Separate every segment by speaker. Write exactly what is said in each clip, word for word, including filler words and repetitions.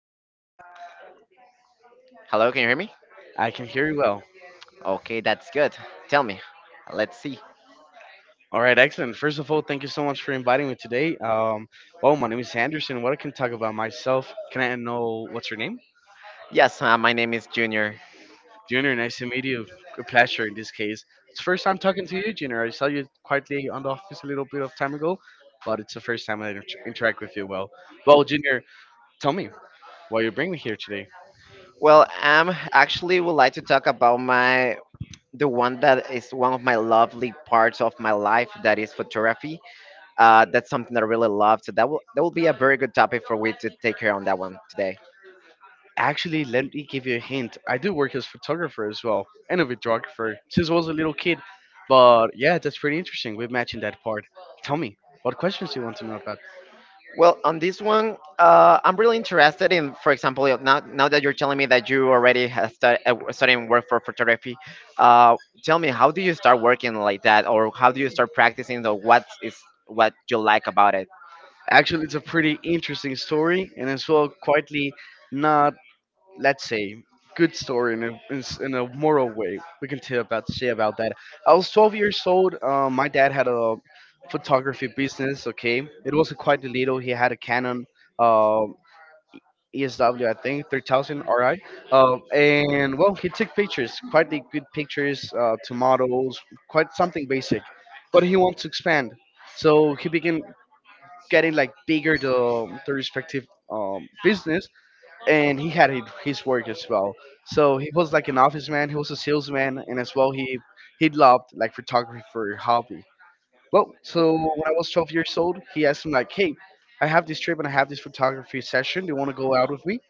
Speaker 1: Break your leg?
Speaker 2: Hello, can you hear me?
Speaker 1: I can hear you well.
Speaker 2: Okay, that's good. Tell me. Let's see.
Speaker 1: All right, excellent. First of all, thank you so much for inviting me today. Um, well, my name is Anderson. What I can talk about myself? Can I know what's your name?
Speaker 2: Yes, uh, my name is Junior.
Speaker 1: Junior, nice to meet you. A pleasure in this case. It's first time talking to you, Junior. I saw you quietly on the office a little bit of time ago, but it's the first time I inter- interact with you. Well, well, Junior, tell me why you bring me here today.
Speaker 2: Well, um, actually, would like to talk about my the one that is one of my lovely parts of my life that is photography. Uh, that's something that I really love. So that will that will be a very good topic for we to take care on that one today.
Speaker 1: Actually, let me give you a hint. I do work as photographer as well, and a videographer since I was a little kid. But yeah, that's pretty interesting. We're matching that part. Tell me, what questions do you want to know about?
Speaker 2: Well, on this one, uh, I'm really interested in, for example, you- now now that you're telling me that you already have start, uh, starting work for photography, uh, tell me how do you start working like that, or how do you start practicing, or what is what you like about it?
Speaker 1: Actually, it's a pretty interesting story, and as well, quietly not, let's say, good story in a, in s- in a moral way. We can tell about say about that. I was twelve years old. Uh, my dad had a photography business. Okay, it wasn't quite a little. He had a Canon. Uh, E S W, I think, three thousand R I. Um, and well, he took pictures, quite the good pictures uh, to models, quite something basic. But he wants to expand. So he began getting like bigger the, the respective um, business and he had hi- his work as well. So he was like an office man, he was a salesman, and as well he he loved like photography for hobby. Well, so when I was twelve years old, he asked me like, "Hey, I have this trip and I have this photography session. Do you want to go out with me?"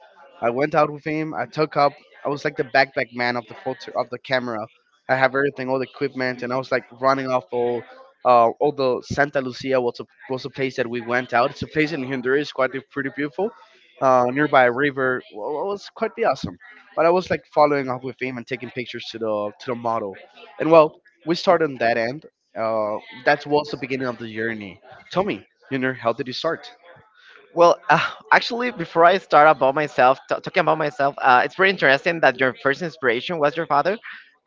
Speaker 1: I went out with him. I took up. I was like the backpack man of the photo of the camera. I have everything, all the equipment, and I was like running off all. Uh, although Santa Lucia was a was a place that we went out. It's a place in Honduras, quite a- pretty beautiful, uh, nearby a river. Well, it was quite the awesome. But I was like following up with him and taking pictures to the to the model, and well, we started on that end uh, that was the beginning of the journey. Tell me, you know, how did you start?
Speaker 2: Well, uh, actually, before I start about myself, t- talking about myself, uh, it's pretty interesting that your first inspiration was your father.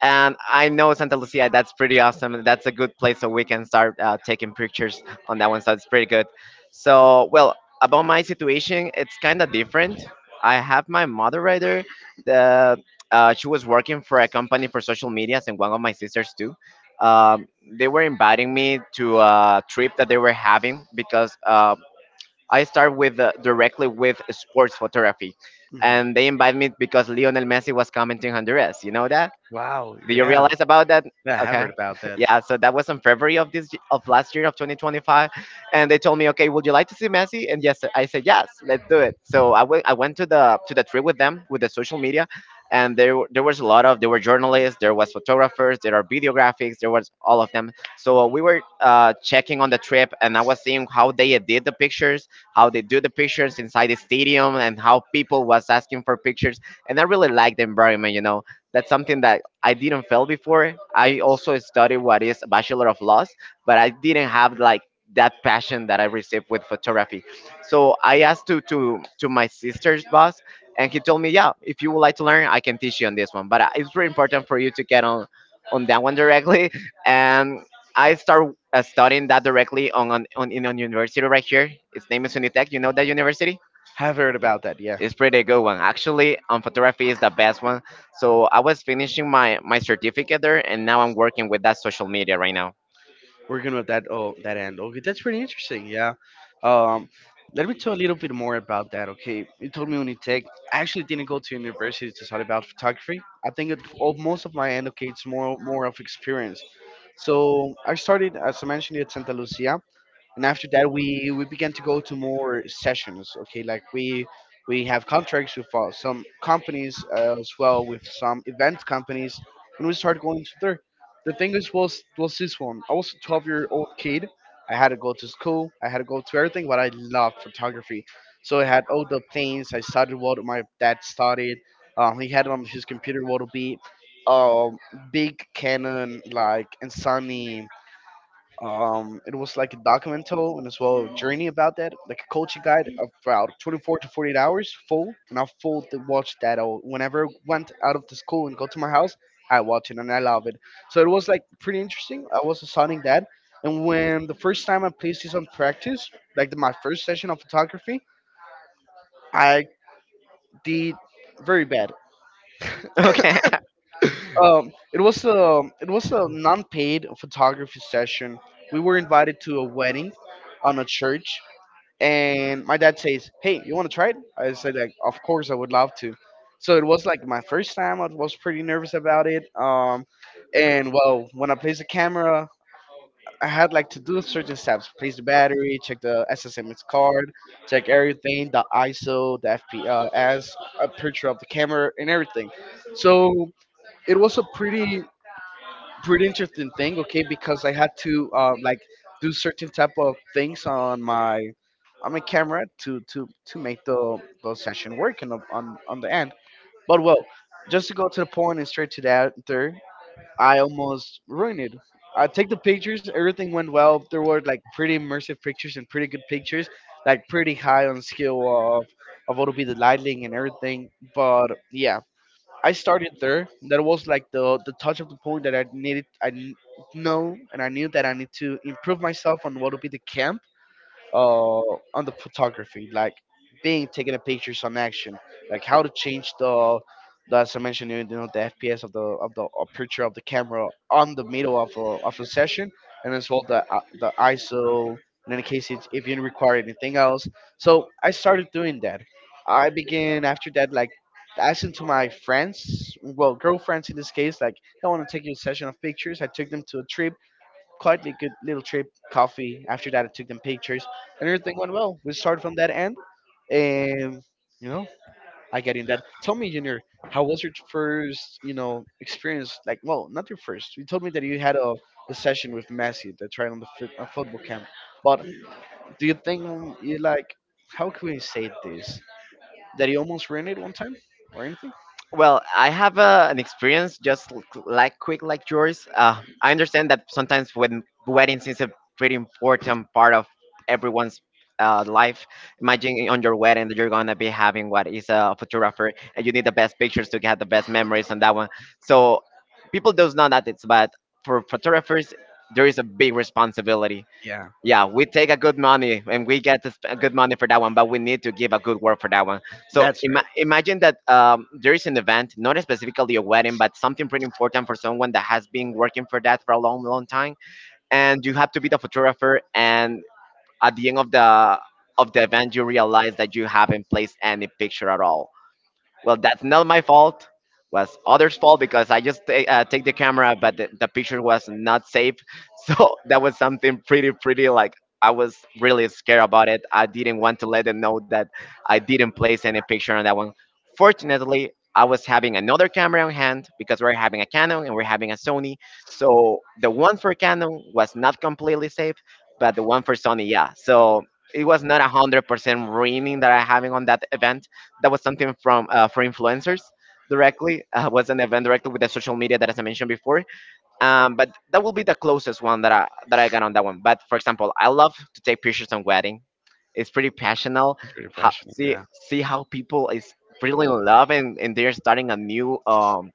Speaker 2: And I know Santa Lucia, that's pretty awesome. and that's a good place so we can start uh, taking pictures on that one. So it's pretty good. So, well, about my situation, it's kind of different. I have my mother right there. The, uh, she was working for a company for social medias, and one of my sisters too. Um, they were inviting me to a trip that they were having because uh, I start with uh, directly with sports photography,
Speaker 1: Mhm.
Speaker 2: and they invited me because Lionel Messi was commenting Honduras. You know,
Speaker 1: Wow,
Speaker 2: do you
Speaker 1: yeah.
Speaker 2: realize about that?
Speaker 1: Yeah, I have
Speaker 2: Okay.
Speaker 1: heard about that.
Speaker 2: Yeah, so that was in February of this of last year of twenty twenty-five, and they told me, okay, would you like to see Messi? And yes, I said yes, let's do it. So I went I went to the to the trip with them with the social media, and there were- there was a lot of there were journalists, there was photographers, there are videographics, there was all of them. So uh, we were uh, checking on the trip, and I was seeing how they did the pictures, how they do the pictures inside the stadium, and how people was asking for pictures, and I really liked the environment, you know, that's something that I didn't fail before. I also studied what is Bachelor of Laws, but I didn't have like that passion that I received with photography. So I asked to to to my sister's boss, and he told me, yeah, if you would like to learn, I can teach you on this one. But uh, it's very important for you to get on on that one directly. And I start uh, studying that directly on on, on in on university right here. Its name is Unitec. You know that university?
Speaker 1: Have heard about that, yeah.
Speaker 2: It's pretty good one. Actually, um, photography is the best one. So I was finishing my my certificate there, and now I'm working with that social media right now.
Speaker 1: Working with that oh that end. Okay, that's pretty interesting. Yeah. Um, Let me tell a little bit more about that. Okay, you told me Unitech. I actually didn't go to university to study about photography. I think it, all, most of my end okay, it's more more of experience. So I started, as I mentioned, at Santa Lucia, and after that we we began to go to more sessions, okay, like we we have contracts with uh, some companies uh, as well with some event companies, and we started going to there. The thing is was was this one. I was a twelve year old kid. I had to go to school. I had to go to everything, but I loved photography, so I had all the things. I studied what my dad studied. Um, he had on his computer what will be um, big Canon like and Sony. Um, it was like a documental and as well a journey about that, like a culture guide of about 24 to 48 hours full. And I full to watch that all. Whenever I went out of the school and go to my house, I watch it and I love it. So it was like pretty interesting. I was assigning that. And when the first time I placed this on practice, like the, my first session of photography, I did very bad.
Speaker 2: Okay.
Speaker 1: Um, it was a it was a non-paid photography session. We were invited to a wedding on a church and my dad says, "Hey, you want to try it?" I said, "Like, of course, I would love to." So it was like my first time. I was pretty nervous about it. Um, and well, when I placed the camera, I had like to do certain steps: place the battery, check the S S M S card, check everything, the ISO, the F P S, a picture of the camera, and everything. So it was a pretty pretty interesting thing, okay, because I had to um, like do certain type of things on my on my camera to to to make the the session work and on, the- on on the end. But well, just to go to the point and straight to that there, I almost ruined it. I take the pictures, everything went well. There were like pretty immersive pictures and pretty good pictures, like pretty high on skill of of what would be the lighting and everything. But yeah, I started there. That was like the the touch of the point that I needed. I kn- know and I knew that I need to improve myself on what would be the camp, uh, on the photography, like being taking a pictures on action, like how to change the, the as I mentioned, you know, the F P S of the of the uh, picture of the camera on the middle of a of a session, and as well the uh, the ISO. In any case, it's, if you require anything else, so I started doing that. I began after that, like asking to my friends, well, girlfriends in this case, like, "Hey, I want to take you a session of pictures. I took them to a trip, quietly good little trip, coffee. After that, I took them pictures, and everything went well. We started from that end, and you know, I get in that. Tell me, Junior, how was your first, you know, experience? Like, well, not your first. You told me that you had a, a session with Messi that tried on the foot, a football camp. But do you think you like? How can we say this? That you almost ruined it one time or anything?
Speaker 2: Well, I have a, an experience just l- like quick like yours. Uh, I understand that sometimes when weddings is a pretty important part of everyone's uh, life. Imagine on your wedding that you're gonna be having what is a photographer, and you need the best pictures to get the best memories on that one. So people does know that it's but for photographers there is a big responsibility.
Speaker 1: Yeah,
Speaker 2: Yeah, we take a good money and we get to sp- good money for that one, but we need to give a good word for that one. So
Speaker 1: that's
Speaker 2: ima-
Speaker 1: right.
Speaker 2: imagine that um, there is an event, not specifically a wedding, but something pretty important for someone that has been working for that for a long, long time, and you have to be the photographer. And at the end of the of the event, you realize that you haven't placed any picture at all, well, that's not my fault. Was others' fault because I just ta- uh, take the camera, but the, the picture was not safe. So that was something pretty, pretty like I was really scared about it. I didn't want to let them know that I didn't place any picture on that one. Fortunately, I was having another camera on hand because we're having a Canon and we're having a Sony. So the one for Canon was not completely safe, but the one for Sony, yeah. So it was not a hundred percent ruining that I having on that event that was something from uh, for influencers directly. Uh, was an event directly with the social media that as I mentioned before. Um, but that will be the closest one that I that I got on that one. But for example, I love to take pictures on wedding. It's pretty passionate.
Speaker 1: It's pretty
Speaker 2: How, see
Speaker 1: passionate.
Speaker 2: see how people is really in love, and, and they're starting a new um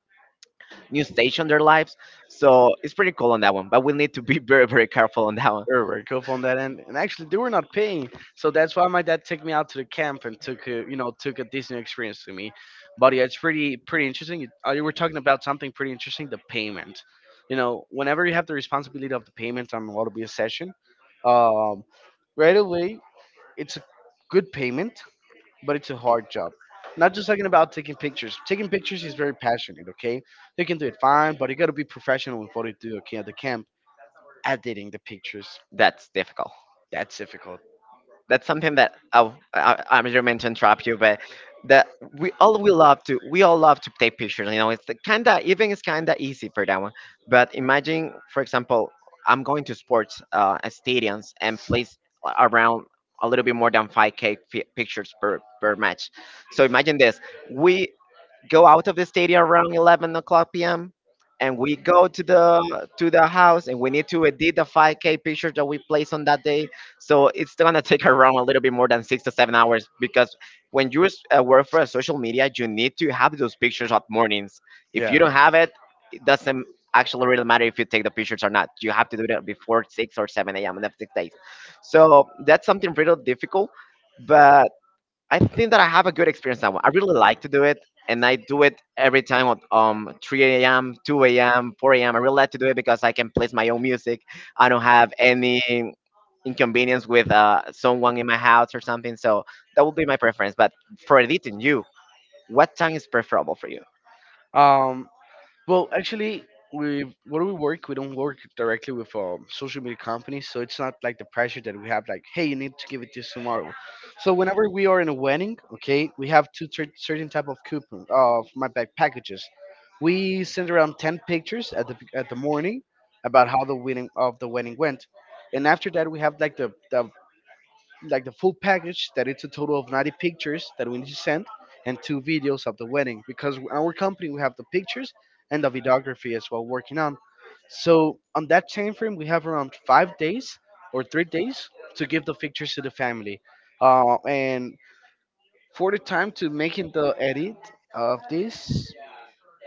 Speaker 2: new stage on their lives. So it's pretty cool on that one. But we need to be very very careful on that one.
Speaker 1: Or were very helpful on that end, and actually they were not paying, so that's why my dad took me out to the camp and took a, you know took a Disney experience to me. But yeah, it's pretty pretty interesting. You, uh, you were talking about something pretty interesting, the payment. You know, whenever you have the responsibility of the payment on what will be a session, um, right away it's a good payment, but it's a hard job. Not just talking about taking pictures. Taking pictures is very passionate, okay? You can do it fine, but you gotta be professional with what you do, okay, at the camp editing the pictures.
Speaker 2: That's difficult.
Speaker 1: That's difficult.
Speaker 2: That's something that I, I, I'm just meant to interrupt you, but that we all we love to we all love to take pictures. You know, it's kinda even it's kinda easy for that one. But imagine, for example, I'm going to sports uh, stadiums and place around a little bit more than five k fi pictures per per match. So imagine this: we go out of the stadium around eleven o'clock p m and we go to the to the house and we need to edit the five K picture that we placed on that day. So it's gonna take around a little bit more than six to seven hours because when you s- uh, work for a social media, you need to have those pictures at mornings. If you
Speaker 1: Yeah.
Speaker 2: don't have it, it doesn't actually really matter if you take the pictures or not. You have to do that before six or seven a m on the next day. So that's something really difficult, but I think that I have a good experience that one. I really like to do it, and I do it every time at um three a m, two a m, four a m. I really like to do it because I can place my own music. I don't have any inconvenience with uh someone in my house or something. So that would be my preference. But for editing, you, what time is preferable for you?
Speaker 1: Um, well, actually, we where we work, we don't work directly with um, social media companies, so it's not like the pressure that we have, like, hey, you need to give it this tomorrow. So whenever we are in a wedding, okay, we have two cer- certain type of coupon of my bag packages. We send around ten pictures at the at the morning about how the wedding of the wedding went, and after that we have like the the like the full package that it's a total of ninety pictures that we need to send, and two videos of the wedding, because in our company we have the pictures and the videography as well working on. So on that time frame we have around five days or three days to give the pictures to the family, uh, and for the time to making the edit of this,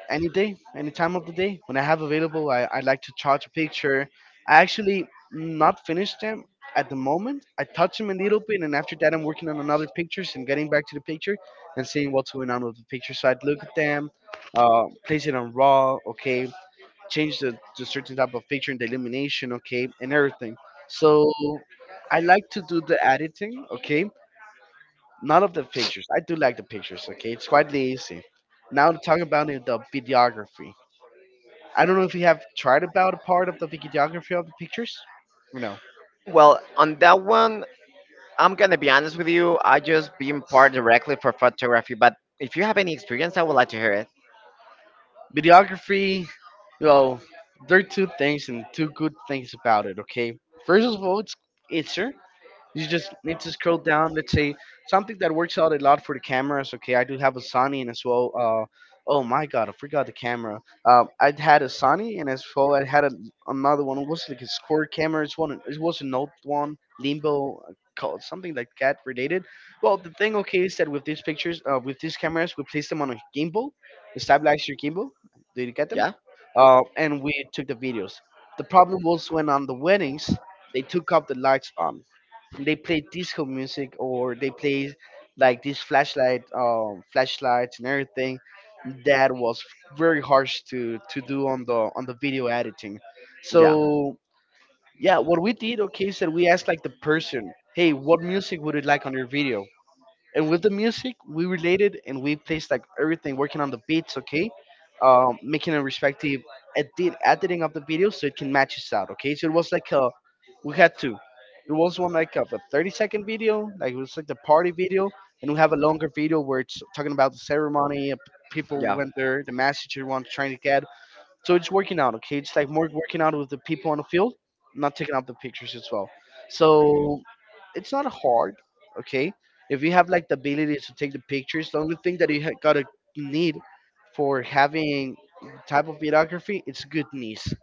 Speaker 1: any day, any time of the day when I have available. I, I like to touch a picture. I actually not finished them at the moment. I touch them a little bit, and after that, I'm working on another pictures and getting back to the picture and seeing what's going on with the picture. So I'd look at them, uh, place it on raw, okay, change the, the certain type of picture and the illumination, okay, and everything. So I like to do the editing, okay, not of the pictures. I do like the pictures, okay. It's quite easy. Now to talk about it, the videography. I don't know if you have tried about a part of the videography of the pictures or no?
Speaker 2: Well, on that one, I'm gonna be honest with you. I just being part directly for photography, but if you have any experience, I would like to hear it.
Speaker 1: Videography. Well, there are two things and two good things about it. Okay, first of all, it's easier. You just need to scroll down. Let's say something that works out a lot for the cameras. Okay, I do have a Sony and as well. Uh, oh my God, I forgot the camera. Um, I had a Sony and as well I had a, another one. It was like a square camera. It's one. It was an old one, limbo, uh, called something like that related. Well, the thing okay is that with these pictures, uh, with these cameras, we place them on a gimbal, a stabilizer gimbal. Did you get them?
Speaker 2: Yeah,
Speaker 1: Uh, and we took the videos. The problem was when on the weddings they took off the lights on they play disco music or they play like this flashlight um flashlights and everything that was very harsh to to do on the on the video editing
Speaker 2: yeah.
Speaker 1: so yeah what we did okay is that we asked like the person, hey, what music would you like on your video? And with the music we related and we placed like everything working on the beats, okay, um, making a respective edit editing of the video so it can match us out, okay. So it was like a we had two, it was one like of a thirty second video like it was like the party video, and we have a longer video where it's talking about the ceremony, uh, people
Speaker 2: Yeah.
Speaker 1: went there, the message everyone's trying to get. So it's working out, okay? It's like more working out with the people on the field, not taking up the pictures as well. So it's not hard, okay? If you have like the ability to take the pictures, the only thing that you ha- gotta need for having type of videography, it's good knees,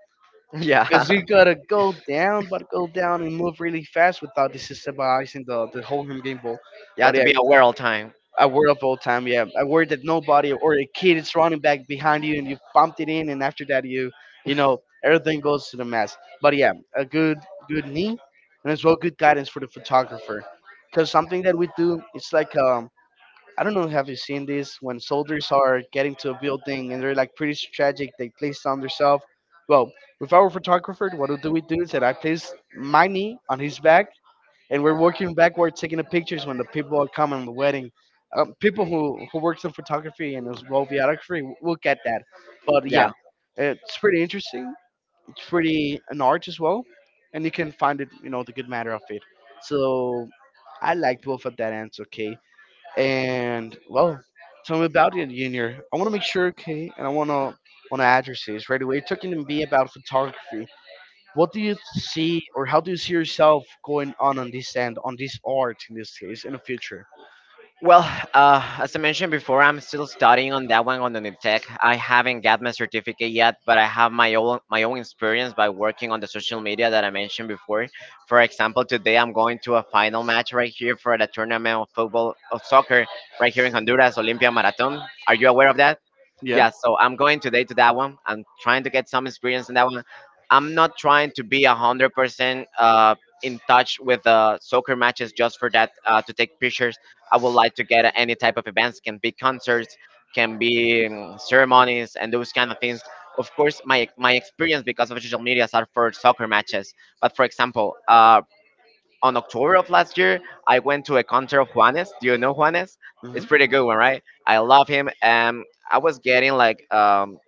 Speaker 2: Yeah.
Speaker 1: because you gotta go down, but go down and move really fast without destabilizing the the whole game ball.
Speaker 2: You have
Speaker 1: But
Speaker 2: to
Speaker 1: yeah,
Speaker 2: be aware all time.
Speaker 1: I worry of all time. Yeah, I worry that nobody or a kid is running back behind you and you bumped it in, and after that you, you know, everything goes to the mess. But yeah, a good good knee, and as well good guidance for the photographer, because something that we do, it's like um. I don't know. Have you seen this when soldiers are getting to a building and they're like pretty strategic? They place it on themselves. Well, with our photographer, what do we do is that I place my knee on his back and we're working backward, taking the pictures when the people are coming to the wedding. Um, people who who works in photography and as well videography w- will get that, but
Speaker 2: Yeah.
Speaker 1: yeah, it's pretty interesting. It's pretty an art as well, and you can find it, you know, the good matter of it. So I like both of that answer, okay? And well, tell me about it, Junior. I want to make sure, okay, and I want to want to address this right away. Talking to me about photography, what do you see, or how do you see yourself going on on this end, on this art in this case, in the future?
Speaker 2: Well, uh, as I mentioned before, I'm still studying on that one on the tech. I haven't got my certificate yet, but I have my own my own experience by working on the social media that I mentioned before. For example, today I'm going to a final match right here for the tournament of football of soccer right here in Honduras, Olympia Marathon. Are you aware of that?
Speaker 1: Yeah.
Speaker 2: Yeah, so I'm going today to that one. I'm trying to get some experience in that one. I'm not trying to be a hundred percent uh in touch with uh soccer matches just for that, uh, to take pictures. I would like to get any type of events, can be concerts, can be um, ceremonies and those kind of things. Of course my my experience because of social medias are for soccer matches, but for example uh on October of last year, I went to a concert of Juanes. Do you know Juanes? It's
Speaker 1: Mhm.
Speaker 2: pretty good one, right? I love him. And I was getting like um,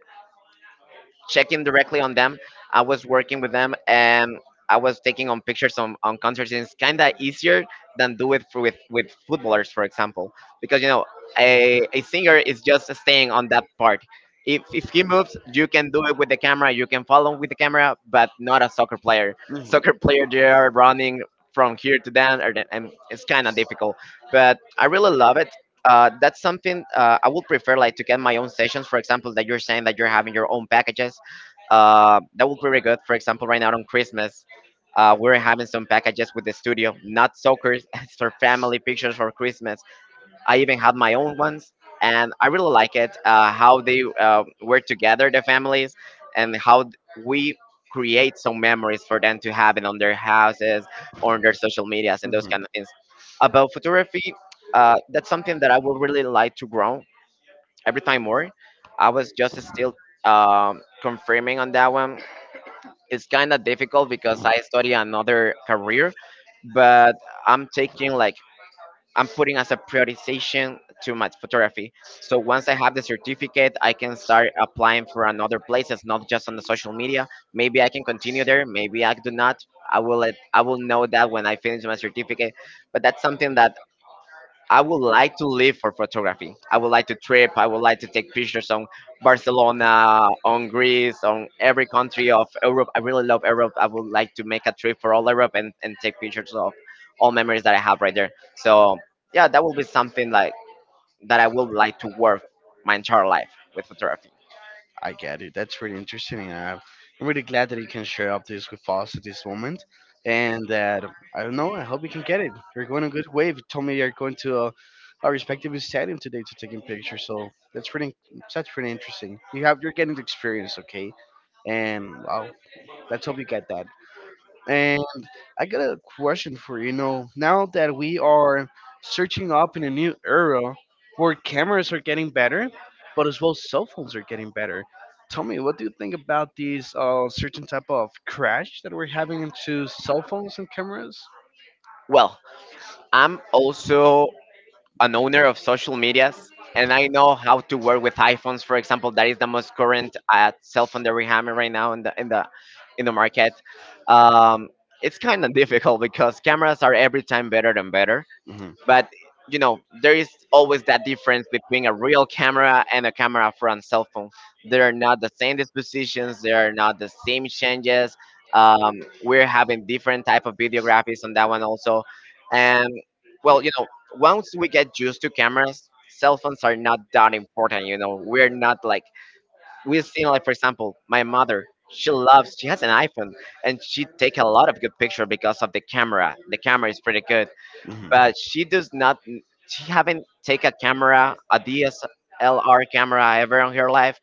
Speaker 2: checking directly on them. I was working with them, and I was taking on pictures on, on concerts. And it's kind of easier than do it for, with with footballers, for example, because you know a, a singer is just staying on that part. If, if he moves, you can do it with the camera. You can follow with the camera, but not a soccer player. Soccer player, they are running from here to there, and and it's kind of difficult. But I really love it. Uh, that's something, uh, I would prefer, like to get my own sessions. For example, that you're saying that you're having your own packages, uh, that would be really good. For example, right now on Christmas, uh, we're having some packages with the studio, not soccer, it's for family pictures for Christmas. I even have my own ones, and I really like it, uh, how they uh, were together, the families, and how th- we create some memories for them to have it on their houses or on their social medias and those
Speaker 1: Mhm.
Speaker 2: kind of things. About photography, uh, that's something that I would really like to grow every time more. I was just still um, confirming on that one. It's kind of difficult because I study another career, but I'm taking like I'm putting as a prioritization to my photography. So once I have the certificate, I can start applying for another places, not just on the social media. Maybe I can continue there. Maybe I do not. I will let I will know that when I finish my certificate. But that's something that I would like to live for photography. I would like to trip. I would like to take pictures on Barcelona, on Greece, on every country of Europe. I really love Europe. I would like to make a trip for all Europe and, and take pictures of all memories that I have right there. So yeah, that will be something like that I would like to work my entire life with photography.
Speaker 1: I get it. That's really interesting, and I'm I'm really glad that you can share up this with us at this moment. And that I don't know. I hope you can get it. You're going a good way. You told me you're going to uh, our respective stadium today to taking pictures. So that's pretty. That's pretty interesting. You have. You're getting the experience, okay? And well, let's hope you get that. And I got a question for you. You know, now that we are searching up in a new era where cameras are getting better, but as well cell phones are getting better. Tell me, what do you think about these uh, certain type of crash that we're having into cell phones and cameras?
Speaker 2: Well, I'm also an owner of social medias, and I know how to work with iPhones, for example. That is the most current uh, cell phone that we have right now in the in the in the market. Um, it's kind of difficult because cameras are every time better and better,
Speaker 1: Hmm.
Speaker 2: but you know there is always that difference between a real camera and a camera from cell phone. They are not the same dispositions. They are not the same changes. Um, we're having different type of videographies on that one also. And well, you know, once we get used to cameras, cell phones are not that important, you know. We're not like we've seen, like, for example, my mother, she loves, she has an iPhone, and she take a lot of good picture because of the camera. The camera is pretty good,
Speaker 1: Hmm.
Speaker 2: but she does not, she haven't take a camera, a DSLR camera, ever in her life.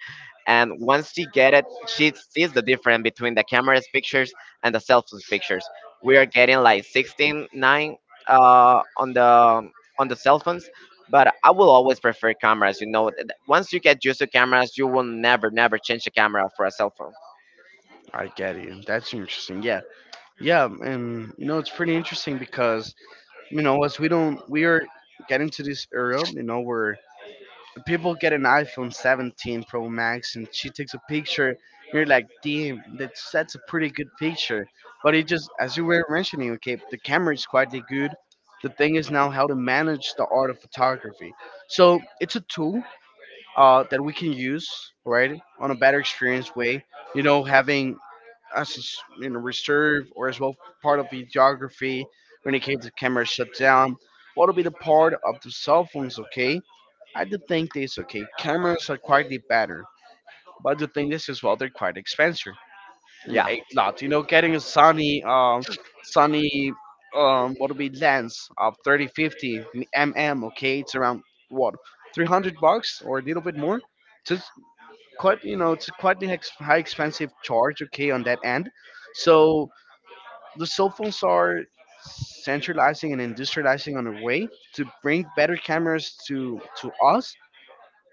Speaker 2: And once she get it, she sees the difference between the camera's pictures and the cell phone's pictures. We are getting like sixteen nine uh, on the on the cell phones, but I will always prefer cameras, you know. Th- once you get used to cameras, you will never never change the camera for a cell phone.
Speaker 1: I get you. That's interesting. Yeah. Yeah, and you know it's pretty interesting because you know as we don't we are getting to this era, you know, where people get an iPhone seventeen Pro Max and she takes a picture and you're like, damn, that's that's a pretty good picture. But it just as you were mentioning, okay, the camera is quite the good. The thing is now how to manage the art of photography. So it's a tool uh, that we can use, right, on a better experience way. You know, having as a s- you know reserve or as well part of videography when in case the camera shut down. What'll be the part of the cell phones? Okay, I do think this, okay. Cameras are quite the better, but I do think this as well. They're quite expensive,
Speaker 2: Yeah.
Speaker 1: a lot. You know, getting a Sony um Sony um what'll be lens of thirty fifty millimeters. Okay, it's around what, three hundred bucks or a little bit more, quite, you know, it's quite the ex- high expensive charge, okay, on that end. So the cell phones are centralizing and industrializing on a way to bring better cameras to to us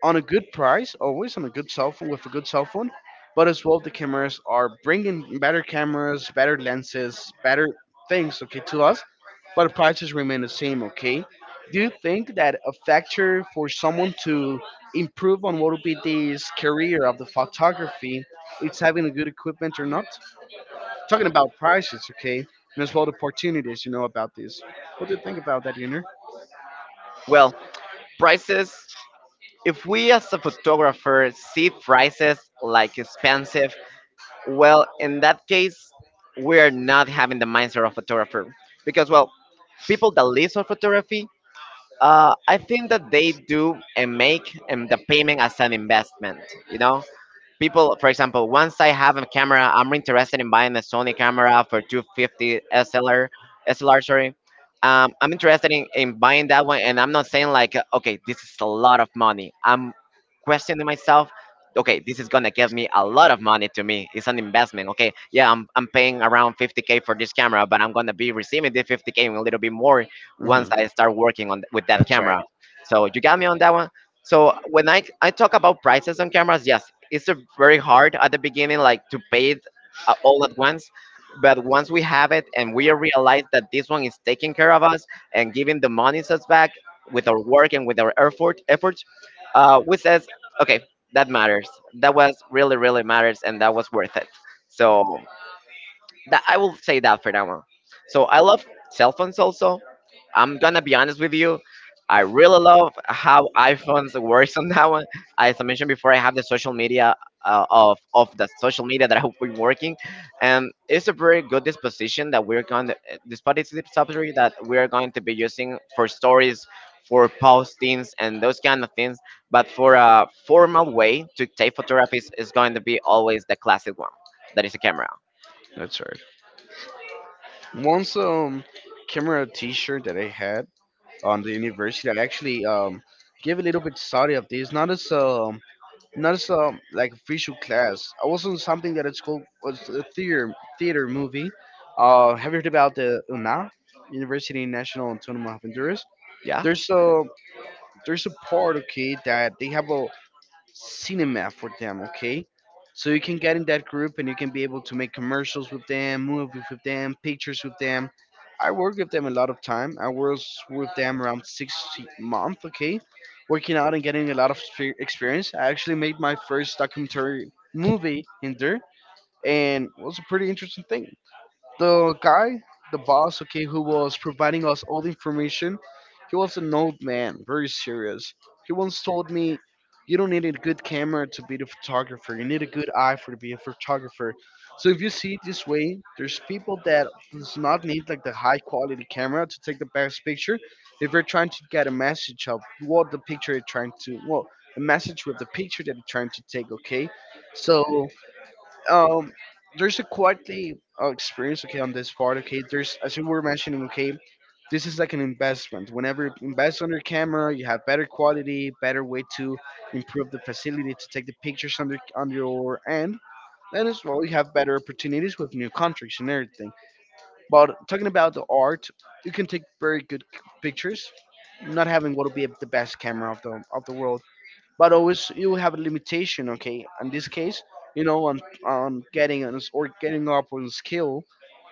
Speaker 1: on a good price, always on a good cell phone with a good cell phone. But as well, the cameras are bringing better cameras, better lenses, better things, okay, to us. But the prices remain the same, okay. Do you think that a factor for someone to improve on what would be this career of the photography, it's having a good equipment or not? Talking about prices, okay, and as well the opportunities, you know, about this. What do you think about that, Junior?
Speaker 2: Well, prices, if we as a photographer see prices like expensive, well, in that case, we are not having the mindset of photographer, because, well, people that live on photography, uh, I think that they do and make um, the payment as an investment, you know? People, for example, once I have a camera, I'm interested in buying a Sony camera for two fifty SLR. SLR, sorry. um, I'm interested in, in buying that one, and I'm not saying like, okay, this is a lot of money. I'm questioning myself, okay, this is gonna give me a lot of money. To me, it's an investment. Okay, yeah, i'm, I'm paying around fifty k for this camera, but I'm gonna be receiving the fifty k and a little bit more once
Speaker 1: Hmm.
Speaker 2: I start working on with that
Speaker 1: That's right.
Speaker 2: camera. So you got me on that. So when I I talk about prices on cameras, yes, it's a very hard at the beginning, like to pay it uh, all at once. But once we have it and we realize that this one is taking care of us and giving the monies us back with our work and with our effort, efforts, uh, we says, okay, that matters. That was really, really matters, and that was worth it. So that I will say that for that one. So I love cell phones also. I'm gonna be honest with you. I really love how iPhones works on that one. As I mentioned before, I have the social media uh, of of the social media that I've been working, and it's a very good disposition that we're going to, despite its subsidy that we are going to be using for stories, for postings, and those kind of things. But for a formal way to take photographies is going to be always the classic one, that is a camera.
Speaker 1: That's right. Once um camera T-shirt that I had on the university, I actually um gave a little bit study of this, not as um not as um like official class. I was on something that it's called was a theater theater movie. Uh, have you heard about the oona? University National Autónoma of Honduras.
Speaker 2: Yeah,
Speaker 1: There's a there's a part okay that they have a cinema for them, okay, so you can get in that group and you can be able to make commercials with them, movies with them, pictures with them. I work with them a lot of time, I was with them around six month, okay, working out and getting a lot of spe- experience. I actually made my first documentary movie in there, and it was a pretty interesting thing. The guy, the boss, okay, who was providing us all the information, he was an old man, very serious. He once told me, "You don't need a good camera to be the photographer. You need a good eye for to be a photographer." So if you see it this way, there's people that does not need like the high quality camera to take the best picture. If you're trying to get a message of what the picture you're trying to, well, a message with the picture that you're trying to take, okay? So um, there's a quite a uh, experience, okay, on this part, okay, there's, as you were mentioning, okay, this is like an investment. Whenever you invest on your camera you have better quality, better way to improve the facility to take the pictures on, the, on your end, and as well you have better opportunities with new contracts and everything. But talking about the art, you can take very good pictures not having what will be the best camera of the of the world. But always you have a limitation. Okay, in this case, you know, on on getting on or getting up on skill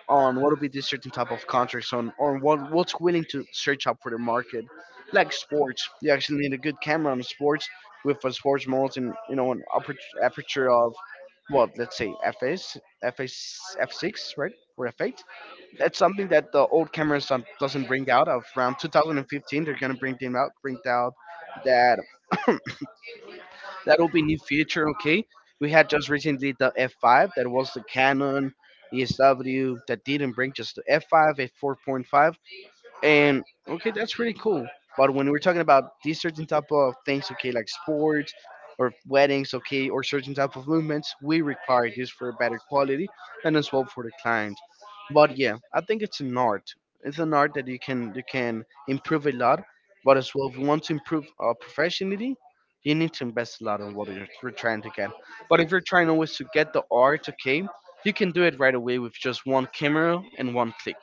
Speaker 1: on what will be the certain type of contracts on or what what's willing to search up for the market, like sports. You actually need a good camera on sports with a sports mode and you know an aperture, aperture of what, let's say, F S, F S, f six, right, or f eight. That's something that the old cameras don't, doesn't bring out of around two thousand fifteen. They're going to bring them out bring out that that will be new feature. Okay, we had just recently the F five that was the Canon E S W that didn't bring just the F five at four point five. And okay, that's really cool. But when we're talking about these certain type of things, okay, like sports or weddings, okay, or certain type of movements, we require this for better quality and as well for the client. But yeah, I think it's an art. It's an art that you can you can improve a lot. But as well, if you want to improve uh, professionally, you need to invest a lot on what you're, you're trying to get. But if you're trying always to get the art, okay, you can do it right away with just one camera and one click.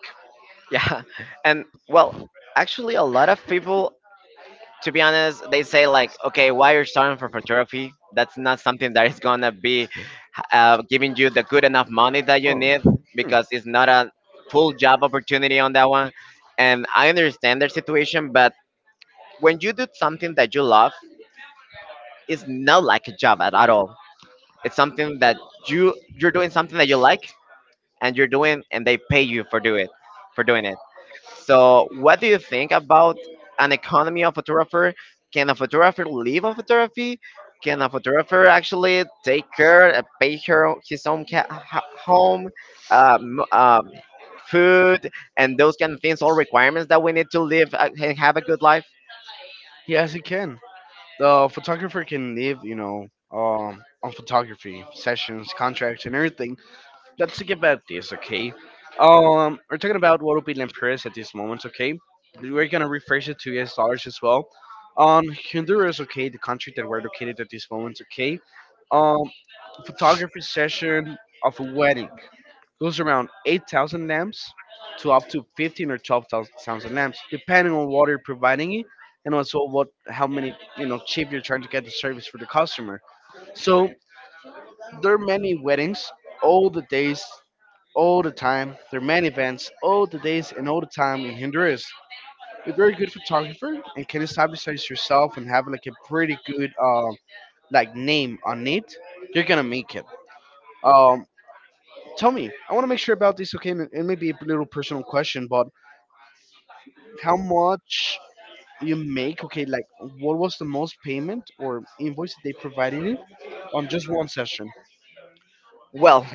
Speaker 2: yeah, and well, actually, a lot of people, to be honest, they say like, okay, why you're starting for photography? That's not something that is gonna be uh, giving you the good enough money that you
Speaker 1: Oh,
Speaker 2: need,
Speaker 1: hmm.
Speaker 2: because it's not a full job opportunity on that one. And I understand their situation, but when you do something that you love, it's not like a job at, at all. It's something that you you're doing something that you like, and you're doing, and they pay you for do it, for doing it. So, what do you think about an economy of photographer? Can a photographer live on photography? Can a photographer actually take care, uh, pay her his own ca- ho- home, uh, um, food, and those kind of things? All requirements that we need to live uh, and have a good life.
Speaker 1: Yes, it can. The photographer can live, you know, um, on photography sessions, contracts, and everything. Let's think about this, okay? Um, we're talking about what would be in at this moment, okay? We're gonna refresh it to U S dollars as well. On Honduras, okay, the country that we're located at this moment, okay? Um, photography session of a wedding goes around eight thousand lamps to up to fifteen or twelve thousand lamps, depending on what you're providing it and also what how many you know cheap you're trying to get the service for the customer. So there are many weddings all the days all the time. There are many events, all the days and all the time in Honduras. You're a very good photographer and can establish as yourself and have like a pretty good uh, like name on it. You're gonna make it. Um, Tell me, I want to make sure about this. Okay, and it may be a little personal question, but how much you make? Okay, like what was the most payment or invoice that they provided you on just one session?
Speaker 2: Well,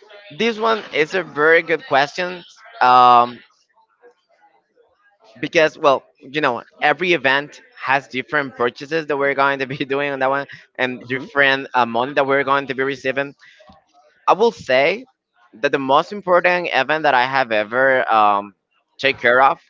Speaker 2: this one is a very good question, um, because, well, you know, every event has different purchases that we're going to be doing on that one and
Speaker 1: Hmm.
Speaker 2: different uh, money that we're going to be receiving. I will say that the most important event that I have ever um, take care of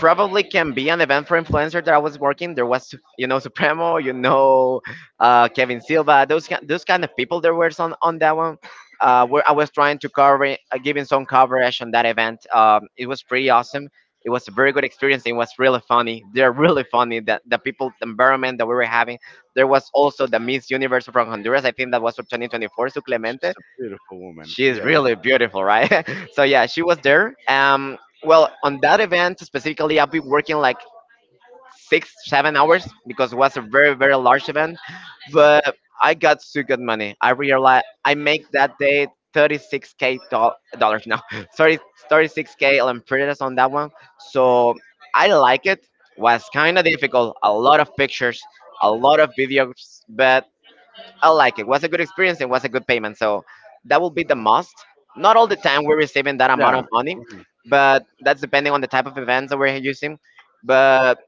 Speaker 2: probably can be an event for influencer that I was working. There was, you know, Supremo, you know, uh, Kevin Silva, those ki- those kind of people. There were some on that one. Uh, where I was trying to cover, uh, giving some coverage on that event. Um, it was pretty awesome. It was a very good experience. It was really funny. They're really funny. That the people, the environment that we were having. There was also the Miss Universe from Honduras. I think that was for twenty twenty-four, Su Clemente.
Speaker 1: Beautiful woman.
Speaker 2: She's
Speaker 1: Yeah.
Speaker 2: really beautiful, right? So yeah, she was there. Um, well, on that event specifically, I've been working like six, seven hours because it was a very, very large event. But I got so good money. I realized I make that day thirty-six k doll- dollars. No, sorry, thirty-six k lempiras on that one. So I like it. Was kind of difficult. A lot of pictures, a lot of videos, but I like it. Was a good experience and was a good payment. So that will be the must. Not all the time we're receiving that amount
Speaker 1: Yeah.
Speaker 2: of money,
Speaker 1: Mhm.
Speaker 2: but that's depending on the type of events that we're using. But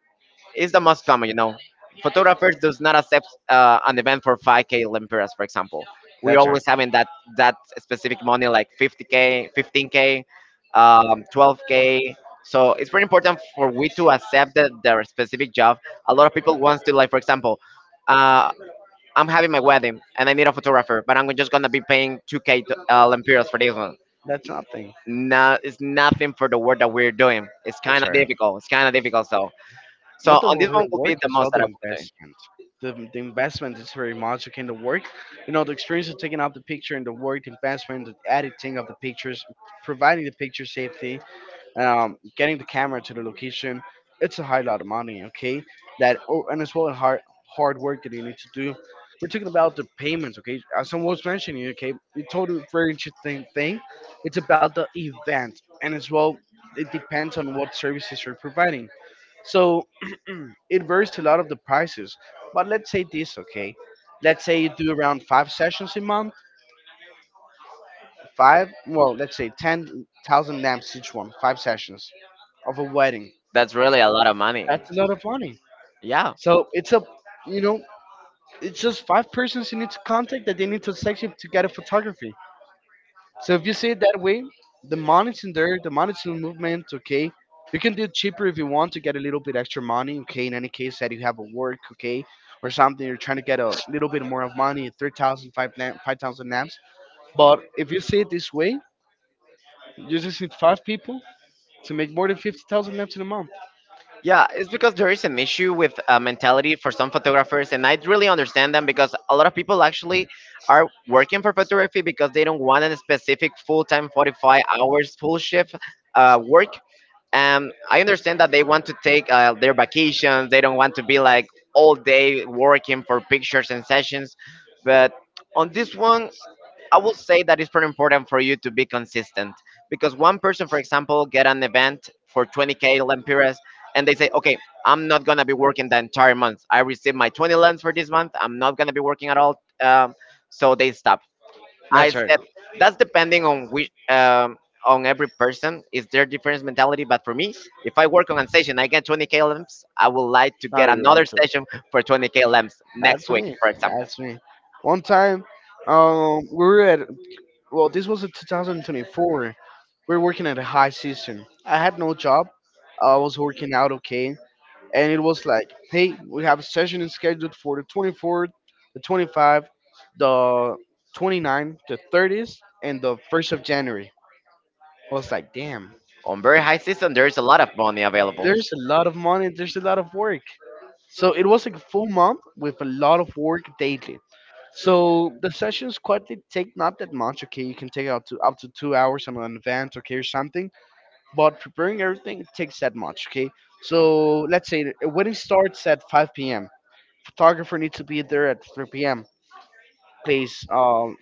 Speaker 2: it's the most common, you know. Photographers does not accept uh, an event for five k lempiras, for example. We're
Speaker 1: That's right.
Speaker 2: always having that that specific money, like fifty k, fifteen k, um, twelve k. So it's very important for we to accept the, their specific job. A lot of people wants to, like, for example, uh, I'm having my wedding and I need a photographer, but I'm just gonna be paying two k to, uh, lempiras for this one.
Speaker 1: That's nothing.
Speaker 2: No, it's nothing for the work that we're doing. It's kind
Speaker 1: That's
Speaker 2: of
Speaker 1: right.
Speaker 2: difficult. It's kind of difficult. So, so
Speaker 1: Not the
Speaker 2: on this one
Speaker 1: real
Speaker 2: will
Speaker 1: work
Speaker 2: be the
Speaker 1: as well,
Speaker 2: most
Speaker 1: the
Speaker 2: that I will be doing.
Speaker 1: investment. The, the investment is very much okay. In the work, you know, the experience of taking out the picture and the work, the investment, the editing of the pictures, providing the picture safety, um, getting the camera to the location, it's a high lot of money, okay? That oh, and as well as hard hard work that you need to do. We're talking about the payments, okay? As someone was mentioning, okay, you told a totally very interesting thing. It's about the event, and as well, it depends on what services you're providing. So it varies a lot of the prices. But let's say this, okay? Let's say you do around five sessions a month, five, well, let's say ten thousand lamps each one, five sessions of a wedding.
Speaker 2: That's really a lot of money.
Speaker 1: That's a lot of money.
Speaker 2: Yeah,
Speaker 1: So it's a, you know, it's just five persons you need to contact that they need to section to get a photography. So if you see it that way, the money's in there, the money's in movement, okay? You can do it cheaper if you want to get a little bit extra money, okay? In any case that you have a work, okay? Or something, you're trying to get a little bit more of money, three thousand five thousand five thousand naps. But if you see it this way, you just need five people to make more than fifty thousand naps in a month.
Speaker 2: yeah. It's because there is an issue with uh, mentality for some photographers, and I really understand them because a lot of people actually are working for photography because they don't want a specific full-time forty-five hours full shift uh, work. Um, I understand that they want to take uh, their vacations. They don't want to be like all day working for pictures and sessions. But on this one, I will say that it's pretty important for you to be consistent, because one person, for example, get an event for twenty k lempiras, and they say, okay, I'm not gonna be working the entire month. I received my twenty lens for this month. I'm not gonna be working at all. Um, so they stop. I
Speaker 1: That's right.
Speaker 2: said that's depending on which um, on every person is their different mentality. But for me, if I work on a session, I get twenty k lamps. I would like to
Speaker 1: How
Speaker 2: get
Speaker 1: do you
Speaker 2: another
Speaker 1: like to?
Speaker 2: session for twenty k lamps
Speaker 1: That's
Speaker 2: next week,
Speaker 1: me.
Speaker 2: for example.
Speaker 1: That's me. One time, um, we were at well, this was in twenty twenty-four. We were working at a high season. I had no job. I was working out okay, and it was like, hey, we have a session scheduled for the twenty-fourth, the twenty-fifth, the 29th, the thirtieth, and the first of January. I was like, damn,
Speaker 2: On very high season, there is a lot of money available.
Speaker 1: there's a lot of money. There's a lot of work. So it was like a full month with a lot of work daily. So the sessions quietly take not that much. Okay, you can take out to up to two hours in advance, okay, or something. But preparing everything takes that much. Okay, so let's say the a wedding starts at five p m. Photographer needs to be there at three p m. Place um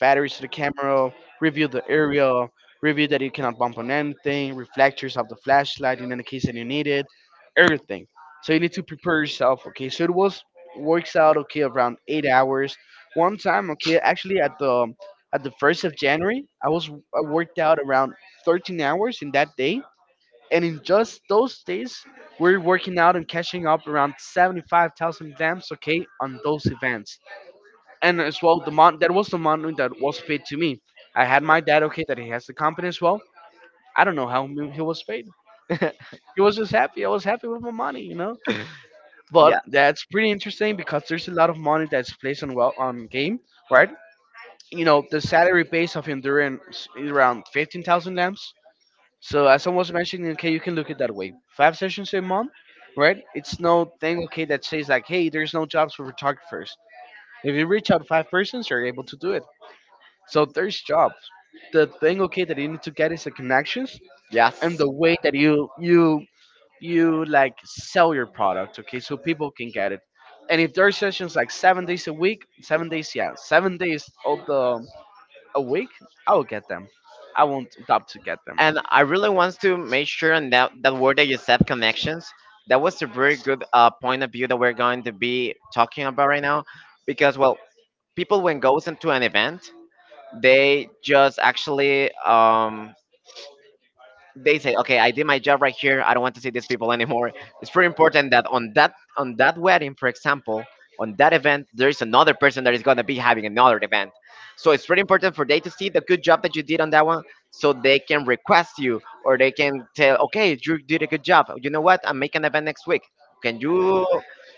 Speaker 1: batteries to the camera, review the area, review that you cannot bump on anything, reflectors of the flashlight in any case that you need it, everything. So you need to prepare yourself, okay? So it was works out okay around eight hours. One time, okay, actually at the at the first of January, I was I worked out around thirteen hours in that day. And in just those days, we're working out and catching up around seventy-five thousand lamps, okay, on those events and as well the mon- that was the money that was paid to me. I had my dad okay that he has the company as well. I don't know how m- he was paid.
Speaker 2: Yeah,
Speaker 1: He was just happy, I was happy with my money, you know. But that's pretty interesting because there's a lot of money that's placed on well on game, right? You know the salary base of endurance is around fifteen thousand lamps. So as I was mentioning, okay, you can look at that way, five sessions a month, right? It's no thing okay that says like, hey, there's no jobs for photographers. If you reach out five persons, you're able to do it. So there's jobs. The thing okay that you need to get is the connections and
Speaker 2: yes.
Speaker 1: the way that you you you like sell your product, okay, so people can get it. And if there's sessions like seven days a week, seven days, yeah, seven days of the a week, I will get them. I won't stop to get them.
Speaker 2: And I really want to make sure on that that word that you said, connections. That was a very good uh, point of view that we're going to be talking about right now, because well, people when goes into an event, they just actually um, they say, okay, I did my job right here. I don't want to see these people anymore. It's pretty important that on that on that wedding, for example, on that event, there is another person that is gonna be having another event. So it's pretty important for they to see the good job that you did on that one, so they can request you or they can tell, okay, you did a good job. You know what? I'm making an event next week. Can you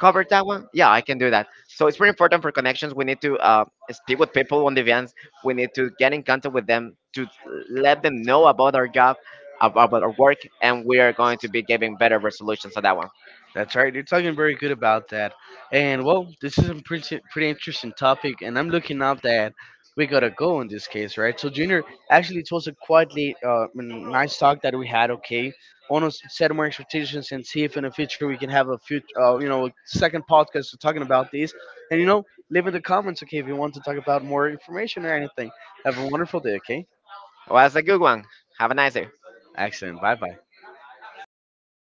Speaker 2: cover that one? Yeah, I can do that. So it's pretty important for connections. We need to uh, speak with people on the events. We need to get in contact with them to let them know about our job, ab- about our work, and we are going to be giving better resolutions on that one.
Speaker 1: That's right. You're talking very good about that. And well, this is a pretty pretty interesting topic, and I'm looking up that we gotta go in this case, right? So, Junior, actually, it was a quietly uh, mm, nice talk that we had. Okay, want to set more expectations and see if in the future we can have a future, uh, you know, second podcast talking about these. And you know, leave in the comments, okay, if you want to talk about more information or anything. Have a wonderful day, okay?
Speaker 2: Well, that's a good one. Have a nice day.
Speaker 1: Excellent. Bye bye.